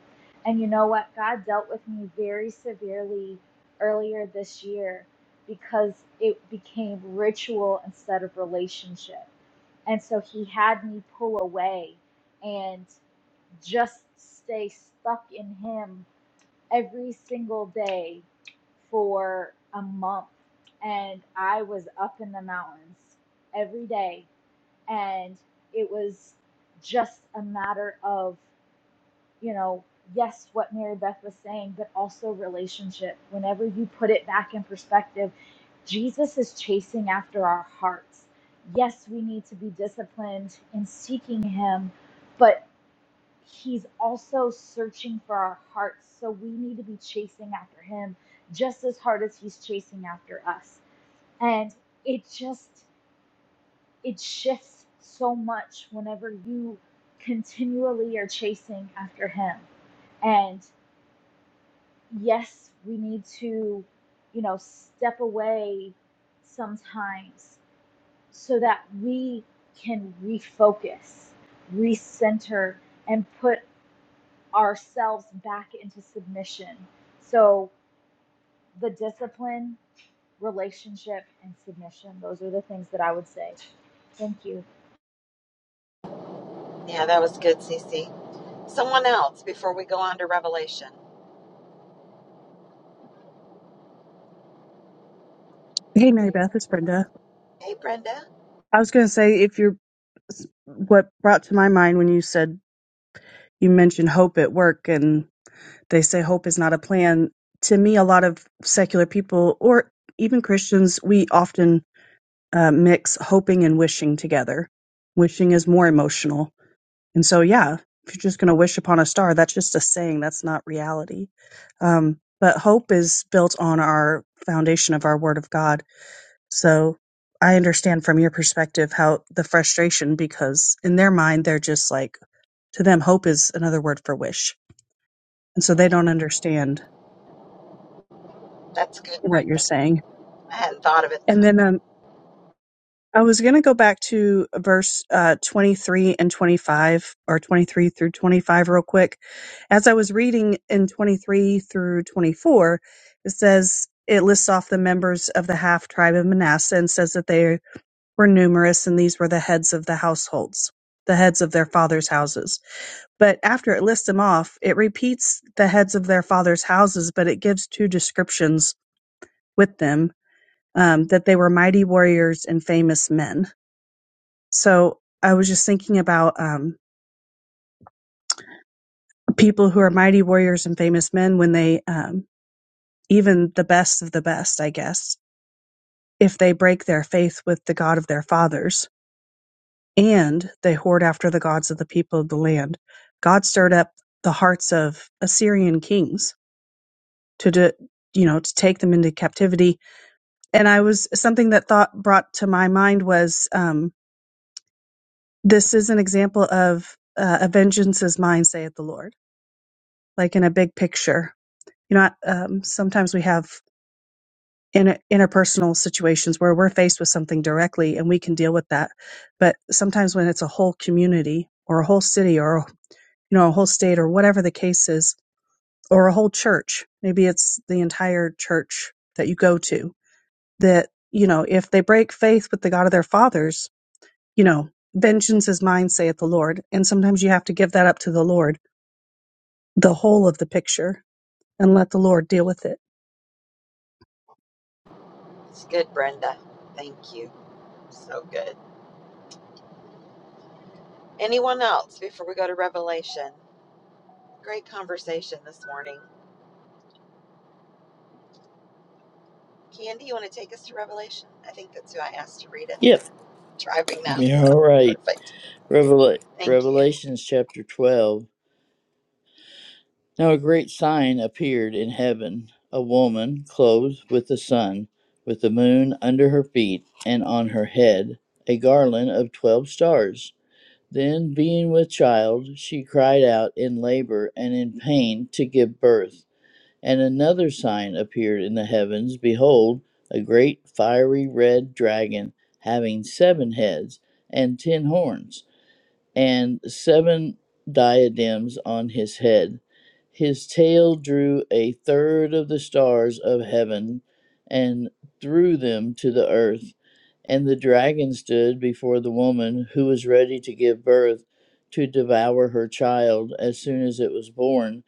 Speaker 6: And you know what? God dealt with me very severely earlier this year because it became ritual instead of relationship And so he had me pull away and just stay stuck in him every single day for a month. And I was up in the mountains every day. And it was just a matter of you know, yes, what Mary Beth was saying, but also relationship. Whenever you put it back in perspective, Jesus is chasing after our hearts. Yes, we need to be disciplined in seeking Him, but He's also searching for our hearts. So we need to be chasing after Him just as hard as He's chasing after us. And it just, it shifts so much whenever you continually are chasing after Him. And yes, we need to, you know, step away sometimes so that we can refocus, recenter, and put ourselves back into submission. So, the discipline, relationship, and submission, those are the things that I would say. Thank you.
Speaker 1: yeah that was good Cece. someone else before we go on to revelation
Speaker 5: Hey, Mary Beth, it's Brenda.
Speaker 1: hey brenda
Speaker 5: I was going to say, if you're what brought to my mind when you said you mentioned hope at work and they say hope is not a plan. To me, a lot of secular people or even Christians, we often uh, mix hoping and wishing together. Wishing is more emotional And so, yeah, if you're just going to wish upon a star, that's just a saying. That's not reality. Um, but hope is built on our foundation of our Word of God. So I understand from your perspective how the frustration, because in their mind, they're just like, to them, hope is another word for wish. And so they don't understand
Speaker 1: that's good
Speaker 5: what you're
Speaker 1: brenda
Speaker 5: saying.
Speaker 1: i hadn't thought of it
Speaker 5: And
Speaker 1: that
Speaker 5: then, um,
Speaker 1: way
Speaker 5: I was going to go back to verse uh, 23 and 25, or 23 through 25, real quick. As I was reading in 23 through 24, it says it lists off the members of the half tribe of Manasseh and says that they were numerous, and these were the heads of the households, the heads of their fathers' houses. But after it lists them off, it repeats the heads of their fathers' houses, but it gives two descriptions with them um, that they were mighty warriors and famous men so I was just thinking about um, people who are mighty warriors and famous men when they, um, even the best of the best, I guess, if they break their faith with the God of their fathers and they hoard after the gods of the people of the land, God stirred up the hearts of Assyrian kings to do. You know, to take them into captivity. And I was something that thought brought to my mind was um, this is an example of uh, a vengeance is mine, saith the Lord, like in a big picture you know um, sometimes we have in, interpersonal situations where we're faced with something directly and we can deal with that but sometimes when it's a whole community or a whole city or you know a whole state or whatever the case is or a whole church maybe it's the entire church that you go to that you know if they break faith with the god of their fathers you know vengeance is mine saith the lord and sometimes you have to give that up to the lord the whole of the picture and let the lord deal with it
Speaker 1: it's good brenda thank you so good Anyone else before we go to Revelation? Great conversation this morning. Candy, you want to take us to Revelation? I think that's who I asked to read it.
Speaker 2: Yep.
Speaker 1: I'm Driving now, so
Speaker 2: All right.
Speaker 1: perfect.
Speaker 2: Revela-
Speaker 1: Thank you.
Speaker 2: Revelations chapter 12. Now a great sign appeared in heaven a woman clothed with the sun, with the moon under her feet, and on her head a garland of twelve stars. Then, being with child, she cried out in labor and in pain to give birth. And another sign appeared in the heavens Behold, a great fiery red dragon, having seven heads and ten horns and seven diadems on his head. His tail drew a third of the stars of heaven and threw them to the earth. And the dragon stood before the woman who was ready to give birth to devour her child as soon as it was born.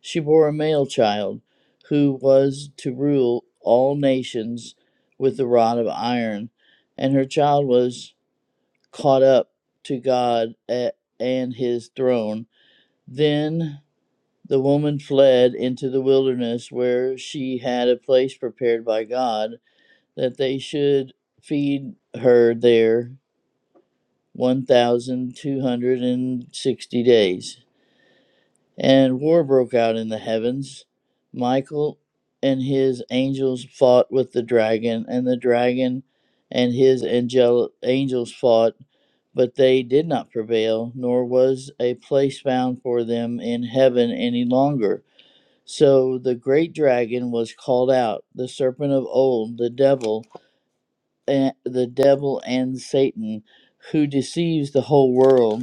Speaker 2: She bore a male child who was to rule all nations with the rod of iron, and her child was caught up to God a- and his throne. Then the woman fled into the wilderness where she had a place prepared by God that they should feed her there 1,260 days and war broke out in the heavens. Michael and his angels fought with the dragon, and the dragon and his angel- angels fought, but they did not prevail, nor was a place found for them in heaven any longer. So the great dragon was called out, the serpent of old, the devil, and the devil and Satan, who deceives the whole world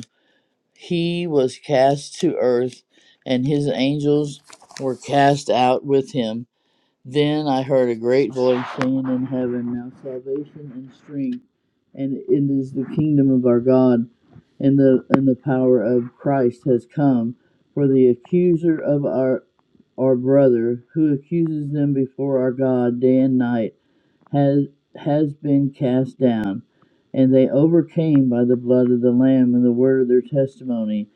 Speaker 2: he was cast to earth, and his angels were cast out with him. Then I heard a great voice saying in heaven, Now salvation and strength, and it is the kingdom of our God, and the and the power of Christ has come. For the accuser of our our brother, who accuses them before our God day and night, has has been cast down, and they overcame by the blood of the Lamb and the word of their testimony,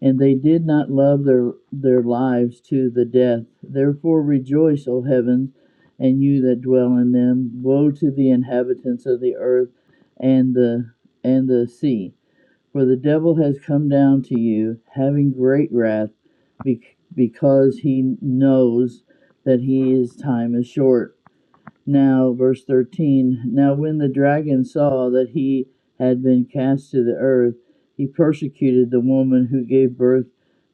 Speaker 2: and they did not love their their lives to the death. Therefore rejoice, O heavens, and you that dwell in them. Woe to the inhabitants of the earth and the and the sea, for the devil has come down to you, having great wrath, bec- because he knows that his time is short. Now, verse 13 Now, when the dragon saw that he had been cast to the earth, he persecuted the woman who gave birth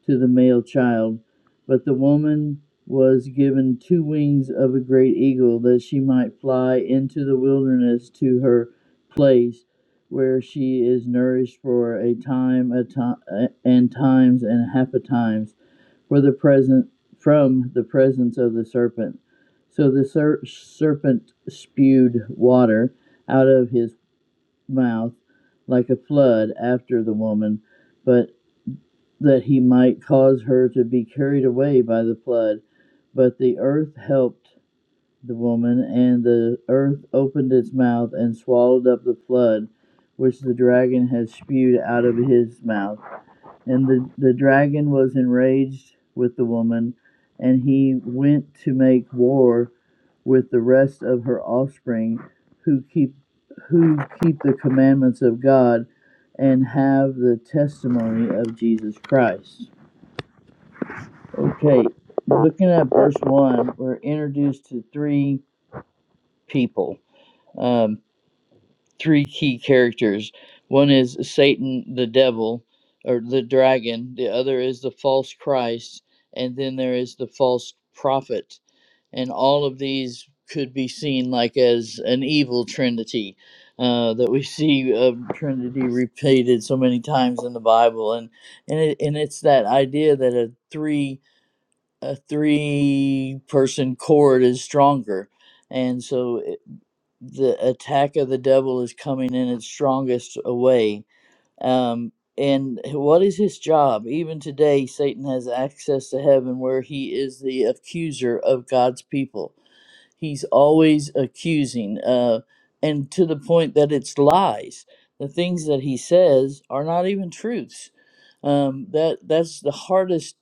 Speaker 2: to the male child. But the woman was given two wings of a great eagle that she might fly into the wilderness to her place where she is nourished for a time a ti- and times and half a times for the present from the presence of the serpent. So the ser- serpent spewed water out of his mouth like a flood after the woman, but that he might cause her to be carried away by the flood. But the earth helped the woman, and the earth opened its mouth and swallowed up the flood which the dragon had spewed out of his mouth. And the, the dragon was enraged with the woman, and he went to make war with the rest of her offspring who keep who keep the commandments of God and have the testimony of Jesus Christ. Okay, looking at verse 1, we're introduced to three people. Um, three key characters. One is Satan, the devil, or the dragon. The other is the false Christ, and then there is the false prophet. And all of these could be seen like as an evil trinity uh, that we see uh, Trinity repeated so many times in the Bible, and and it, and it's that idea that a three a three person chord is stronger, and so the attack of the devil is coming in its strongest way. Um, and what is his job? Even today, Satan has access to heaven where he is the accuser of God's people. He's always accusing, uh, and to the point that it's lies. The things that he says are not even truths. Um, that that's the hardest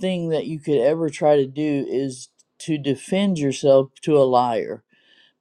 Speaker 2: thing that you could ever try to do is to defend yourself to a liar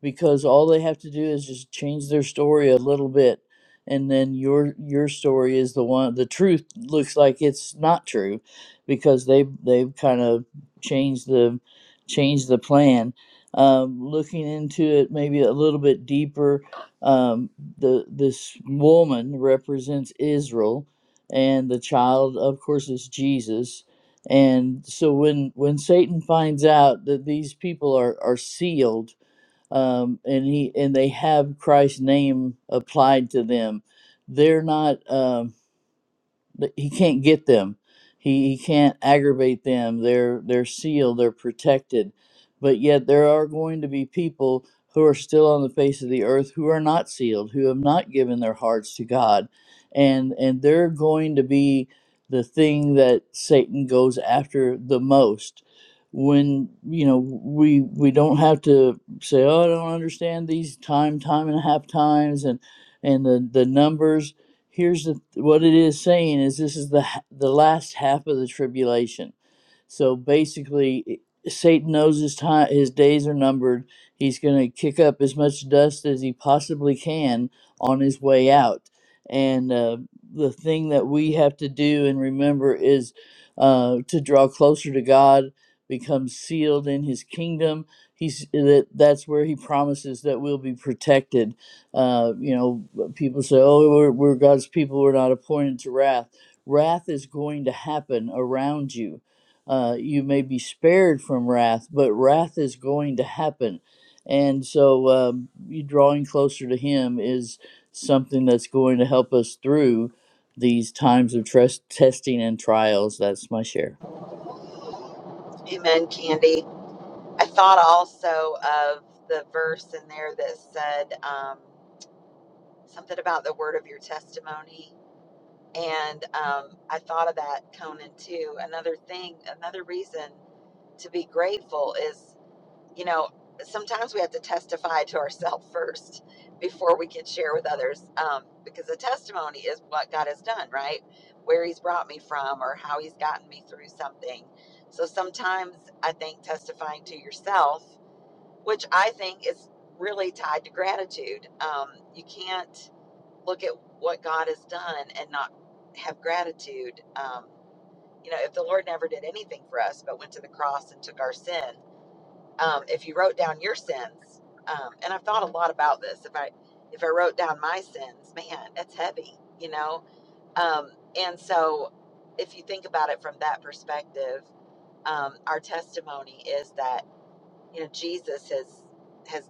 Speaker 2: because all they have to do is just change their story a little bit and then your your story is the one the truth looks like it's not true because they they've kind of changed the changed the plan um, looking into it maybe a little bit deeper um, the this woman represents israel and the child of course is jesus and so when when satan finds out that these people are are sealed um, and he and they have Christ's name applied to them. They're not. Um, th- he can't get them. He, he can't aggravate them. They're they're sealed. They're protected. But yet there are going to be people who are still on the face of the earth who are not sealed, who have not given their hearts to God, and and they're going to be the thing that Satan goes after the most. When you know we we don't have to say, oh, I don't understand these time, time and a half times, and and the the numbers here's the, what it is saying is this is the the last half of the tribulation so basically, Satan knows his time, his days are numbered. He's going to kick up as much dust as he possibly can on his way out. And uh, the thing that we have to do and remember is uh, to draw closer to God, become sealed in His kingdom. He's that that's where He promises that we'll be protected. Uh, you know, people say, "Oh, we're, we're God's people. We're not appointed to wrath." Wrath is going to happen around you uh, you may be spared from wrath, but wrath is going to happen. And so, um, you drawing closer to Him is something that's going to help us through these times of trust, testing and trials. That's my share.
Speaker 1: Amen, Candy. I thought also of the verse in there that said um, something about the word of your testimony. And um, I thought of that, Conan, too. Another thing, another reason to be grateful is you know, sometimes we have to testify to ourselves first before we can share with others um, because the testimony is what God has done, right? Where He's brought me from or how He's gotten me through something. So sometimes I think testifying to yourself, which I think is really tied to gratitude, um, you can't look at what God has done and not have gratitude. Um, you know, if the Lord never did anything for us but went to the cross and took our sin, um, if you wrote down your sins, um, and I've thought a lot about this. If I if I wrote down my sins, man, that's heavy, you know. Um, and so, if you think about it from that perspective, um, our testimony is that you know Jesus has has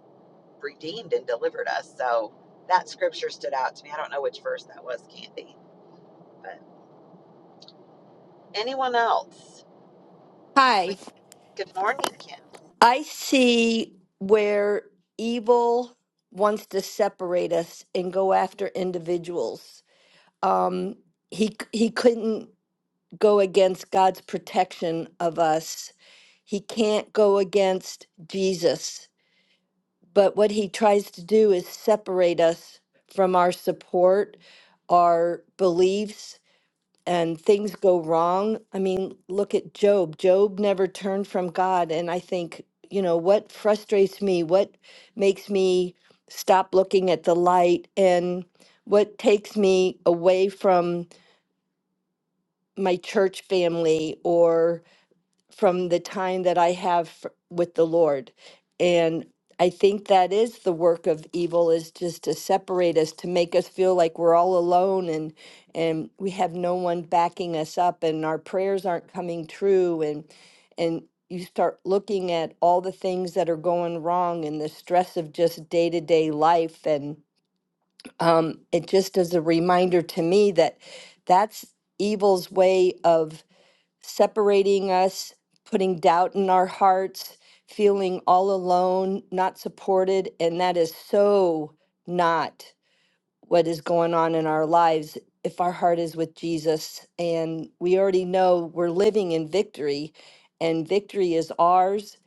Speaker 1: redeemed and delivered us. So that scripture stood out to me. I don't know which verse that was, Candy, but anyone else? We,
Speaker 4: Hi.
Speaker 1: good morning, Kim.
Speaker 4: I see where evil wants to separate us and go after individuals um, he he couldn't go against God's protection of us. He can't go against Jesus. But what he tries to do is separate us from our support, our beliefs, and things go wrong. I mean, look at Job. Job never turned from God. And I think, you know, what frustrates me, what makes me stop looking at the light, and what takes me away from my church family or from the time that I have f- with the Lord. And I think that is the work of evil is just to separate us, to make us feel like we're all alone and and we have no one backing us up and our prayers aren't coming true and and you start looking at all the things that are going wrong and the stress of just day-to-day life and um, it just is a reminder to me that that's evil's way of separating us, putting doubt in our hearts, feeling all alone, not supported. And that is so not what is going on in our lives if our heart is with Jesus. And we already know we're living in victory, and victory is ours.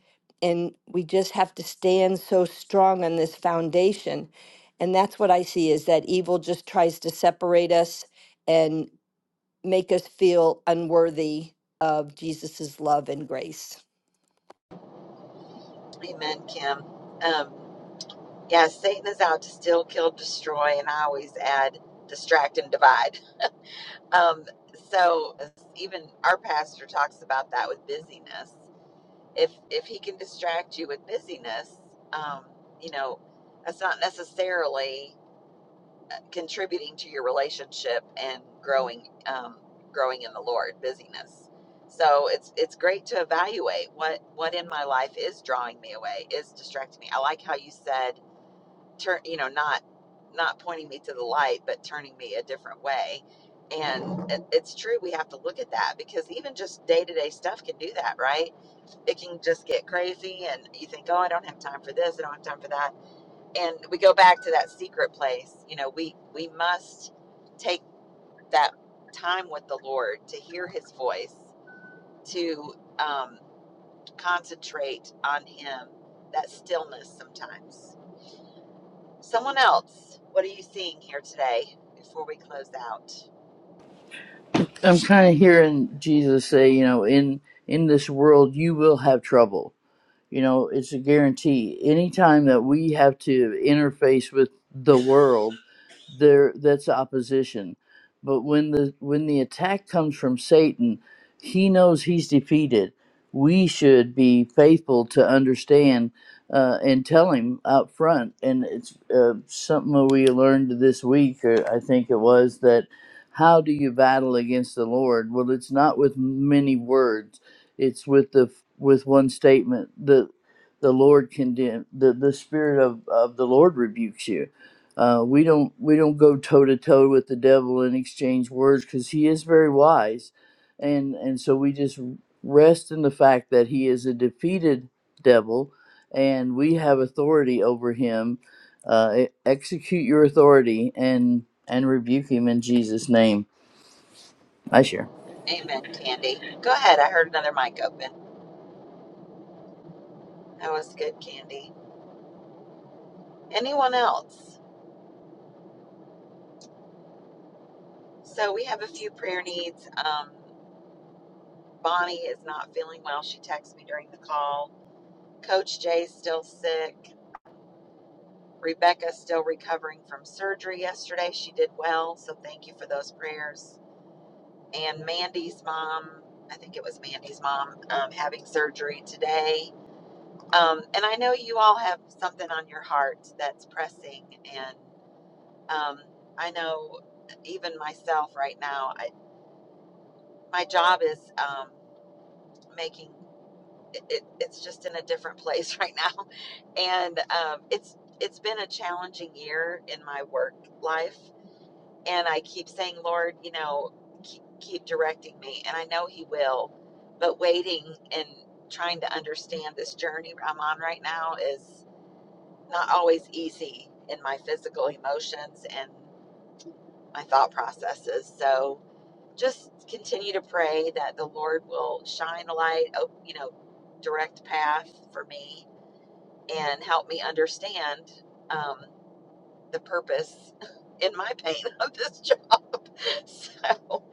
Speaker 4: And we just have to stand so strong on this foundation. And that's what I see is that evil just tries to separate us and make us feel unworthy of Jesus's love and grace.
Speaker 1: Amen, Kim. Um, Yeah, Satan is out to steal, kill, destroy, and I always add distract and divide. Um, so even our pastor talks about that with busyness. If if he can distract you with busyness, um, you know, that's not necessarily contributing to your relationship and growing um, growing in the Lord. Busyness. So it's it's great to evaluate what what in my life is drawing me away, is distracting me. I like how you said turn you know not not pointing me to the light but turning me a different way and it, it's true we have to look at that because even just day-to-day stuff can do that right it can just get crazy and you think oh i don't have time for this i don't have time for that and we go back to that secret place you know we we must take that time with the lord to hear his voice to um, concentrate on him that stillness sometimes Someone else, what are you seeing here today before we close out?
Speaker 2: I'm kind of hearing Jesus say, you know, in in this world you will have trouble. You know, it's a guarantee. Anytime that we have to interface with the world there that's opposition but when the when the attack comes from satan he knows he's defeated we should be faithful to understand uh, and tell him out front and it's uh, something that we learned this week or i think it was that how do you battle against the lord well it's not with many words it's with the with one statement the the lord condemn the, the spirit of, of the lord rebukes you uh, we don't we don't go toe to toe with the devil and exchange words because he is very wise, and and so we just rest in the fact that he is a defeated devil, and we have authority over him. Uh, e- execute your authority and and rebuke him in Jesus' name. I share.
Speaker 1: Amen, Candy. Go ahead. I heard another mic open. That was good, Candy. Anyone else? So we have a few prayer needs. Um, Bonnie is not feeling well. She texted me during the call. Coach Jay's still sick. Rebecca's still recovering from surgery yesterday. She did well, so thank you for those prayers. And Mandy's mom, I think it was Mandy's mom, um, having surgery today. Um, and I know you all have something on your heart that's pressing. And um, I know even myself right now, I, my job is um, making it, it, it's just in a different place right now. And um, it's it's been a challenging year in my work life. And I keep saying, Lord, you know, keep, keep directing me. And I know He will. But waiting and trying to understand this journey I'm on right now is not always easy in my physical emotions and my thought processes. So just continue to pray that the Lord will shine a light, op- you know, direct path for me and help me understand um, the purpose in my pain of this job. So,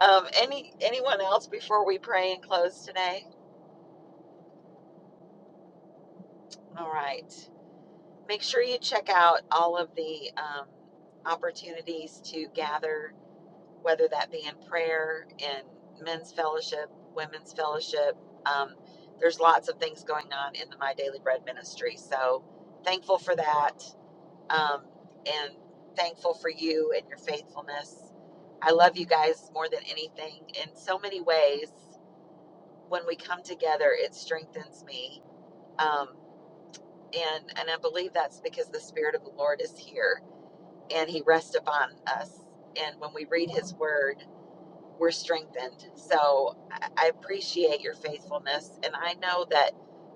Speaker 1: um, any anyone else before we pray and close today? All right. Make sure you check out all of the um, opportunities to gather whether that be in prayer, in men's fellowship, women's fellowship. Um, there's lots of things going on in the My Daily Bread ministry. So thankful for that um, and thankful for you and your faithfulness. I love you guys more than anything in so many ways. When we come together, it strengthens me. Um, and, and I believe that's because the Spirit of the Lord is here and He rests upon us. And when we read His Word, we're strengthened. So I appreciate your faithfulness. And I know that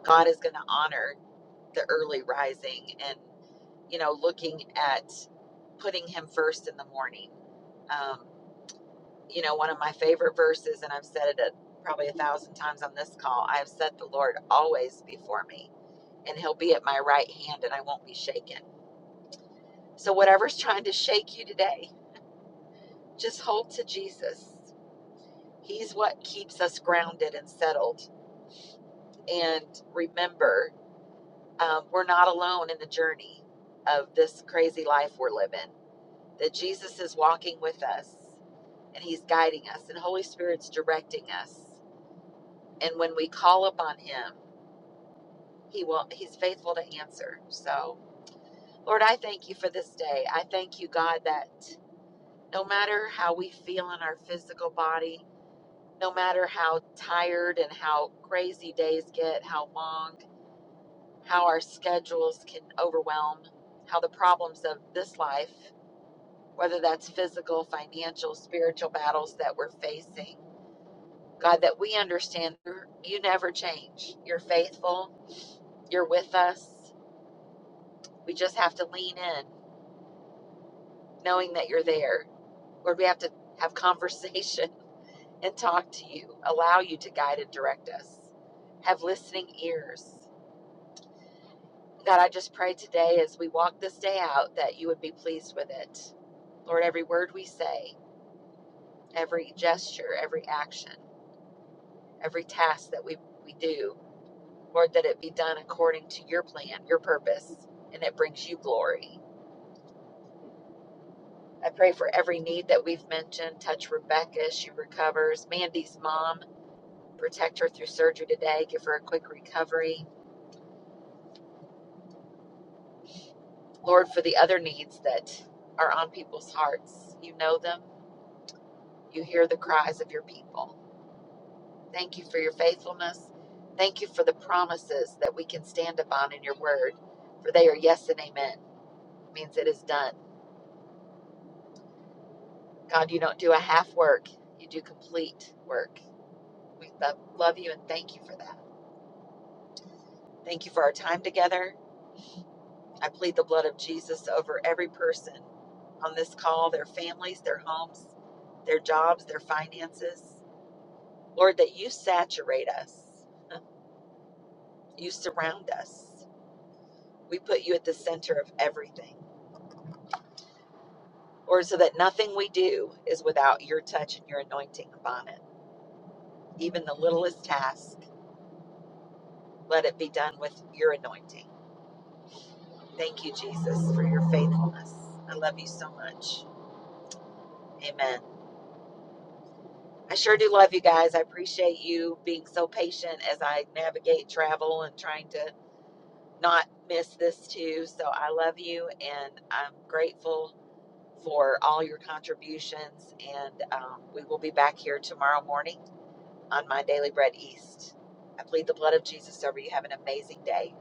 Speaker 1: God is going to honor the early rising and, you know, looking at putting Him first in the morning. Um, you know, one of my favorite verses, and I've said it a, probably a thousand times on this call I have set the Lord always before me, and He'll be at my right hand, and I won't be shaken. So, whatever's trying to shake you today, just hold to Jesus. He's what keeps us grounded and settled and remember um, we're not alone in the journey of this crazy life we're living that jesus is walking with us and he's guiding us and holy spirit's directing us and when we call upon him he will he's faithful to answer so lord i thank you for this day i thank you god that no matter how we feel in our physical body no matter how tired and how crazy days get how long how our schedules can overwhelm, how the problems of this life, whether that's physical, financial, spiritual battles that we're facing, God, that we understand you never change. You're faithful, you're with us. We just have to lean in, knowing that you're there. Lord, we have to have conversation and talk to you, allow you to guide and direct us, have listening ears. God, I just pray today as we walk this day out that you would be pleased with it. Lord, every word we say, every gesture, every action, every task that we, we do, Lord, that it be done according to your plan, your purpose, and it brings you glory. I pray for every need that we've mentioned. Touch Rebecca as she recovers. Mandy's mom, protect her through surgery today. Give her a quick recovery. Lord, for the other needs that are on people's hearts, you know them. You hear the cries of your people. Thank you for your faithfulness. Thank you for the promises that we can stand upon in your word, for they are yes and amen. It means it is done. God, you don't do a half work, you do complete work. We lo- love you and thank you for that. Thank you for our time together. I plead the blood of Jesus over every person on this call, their families, their homes, their jobs, their finances. Lord, that you saturate us, you surround us. We put you at the center of everything. Or so that nothing we do is without your touch and your anointing upon it. Even the littlest task, let it be done with your anointing. Thank you, Jesus, for your faithfulness. I love you so much. Amen. I sure do love you guys. I appreciate you being so patient as I navigate travel and trying to not miss this too. So I love you and I'm grateful for all your contributions. And um, we will be back here tomorrow morning on my Daily Bread East. I plead the blood of Jesus over you. Have an amazing day.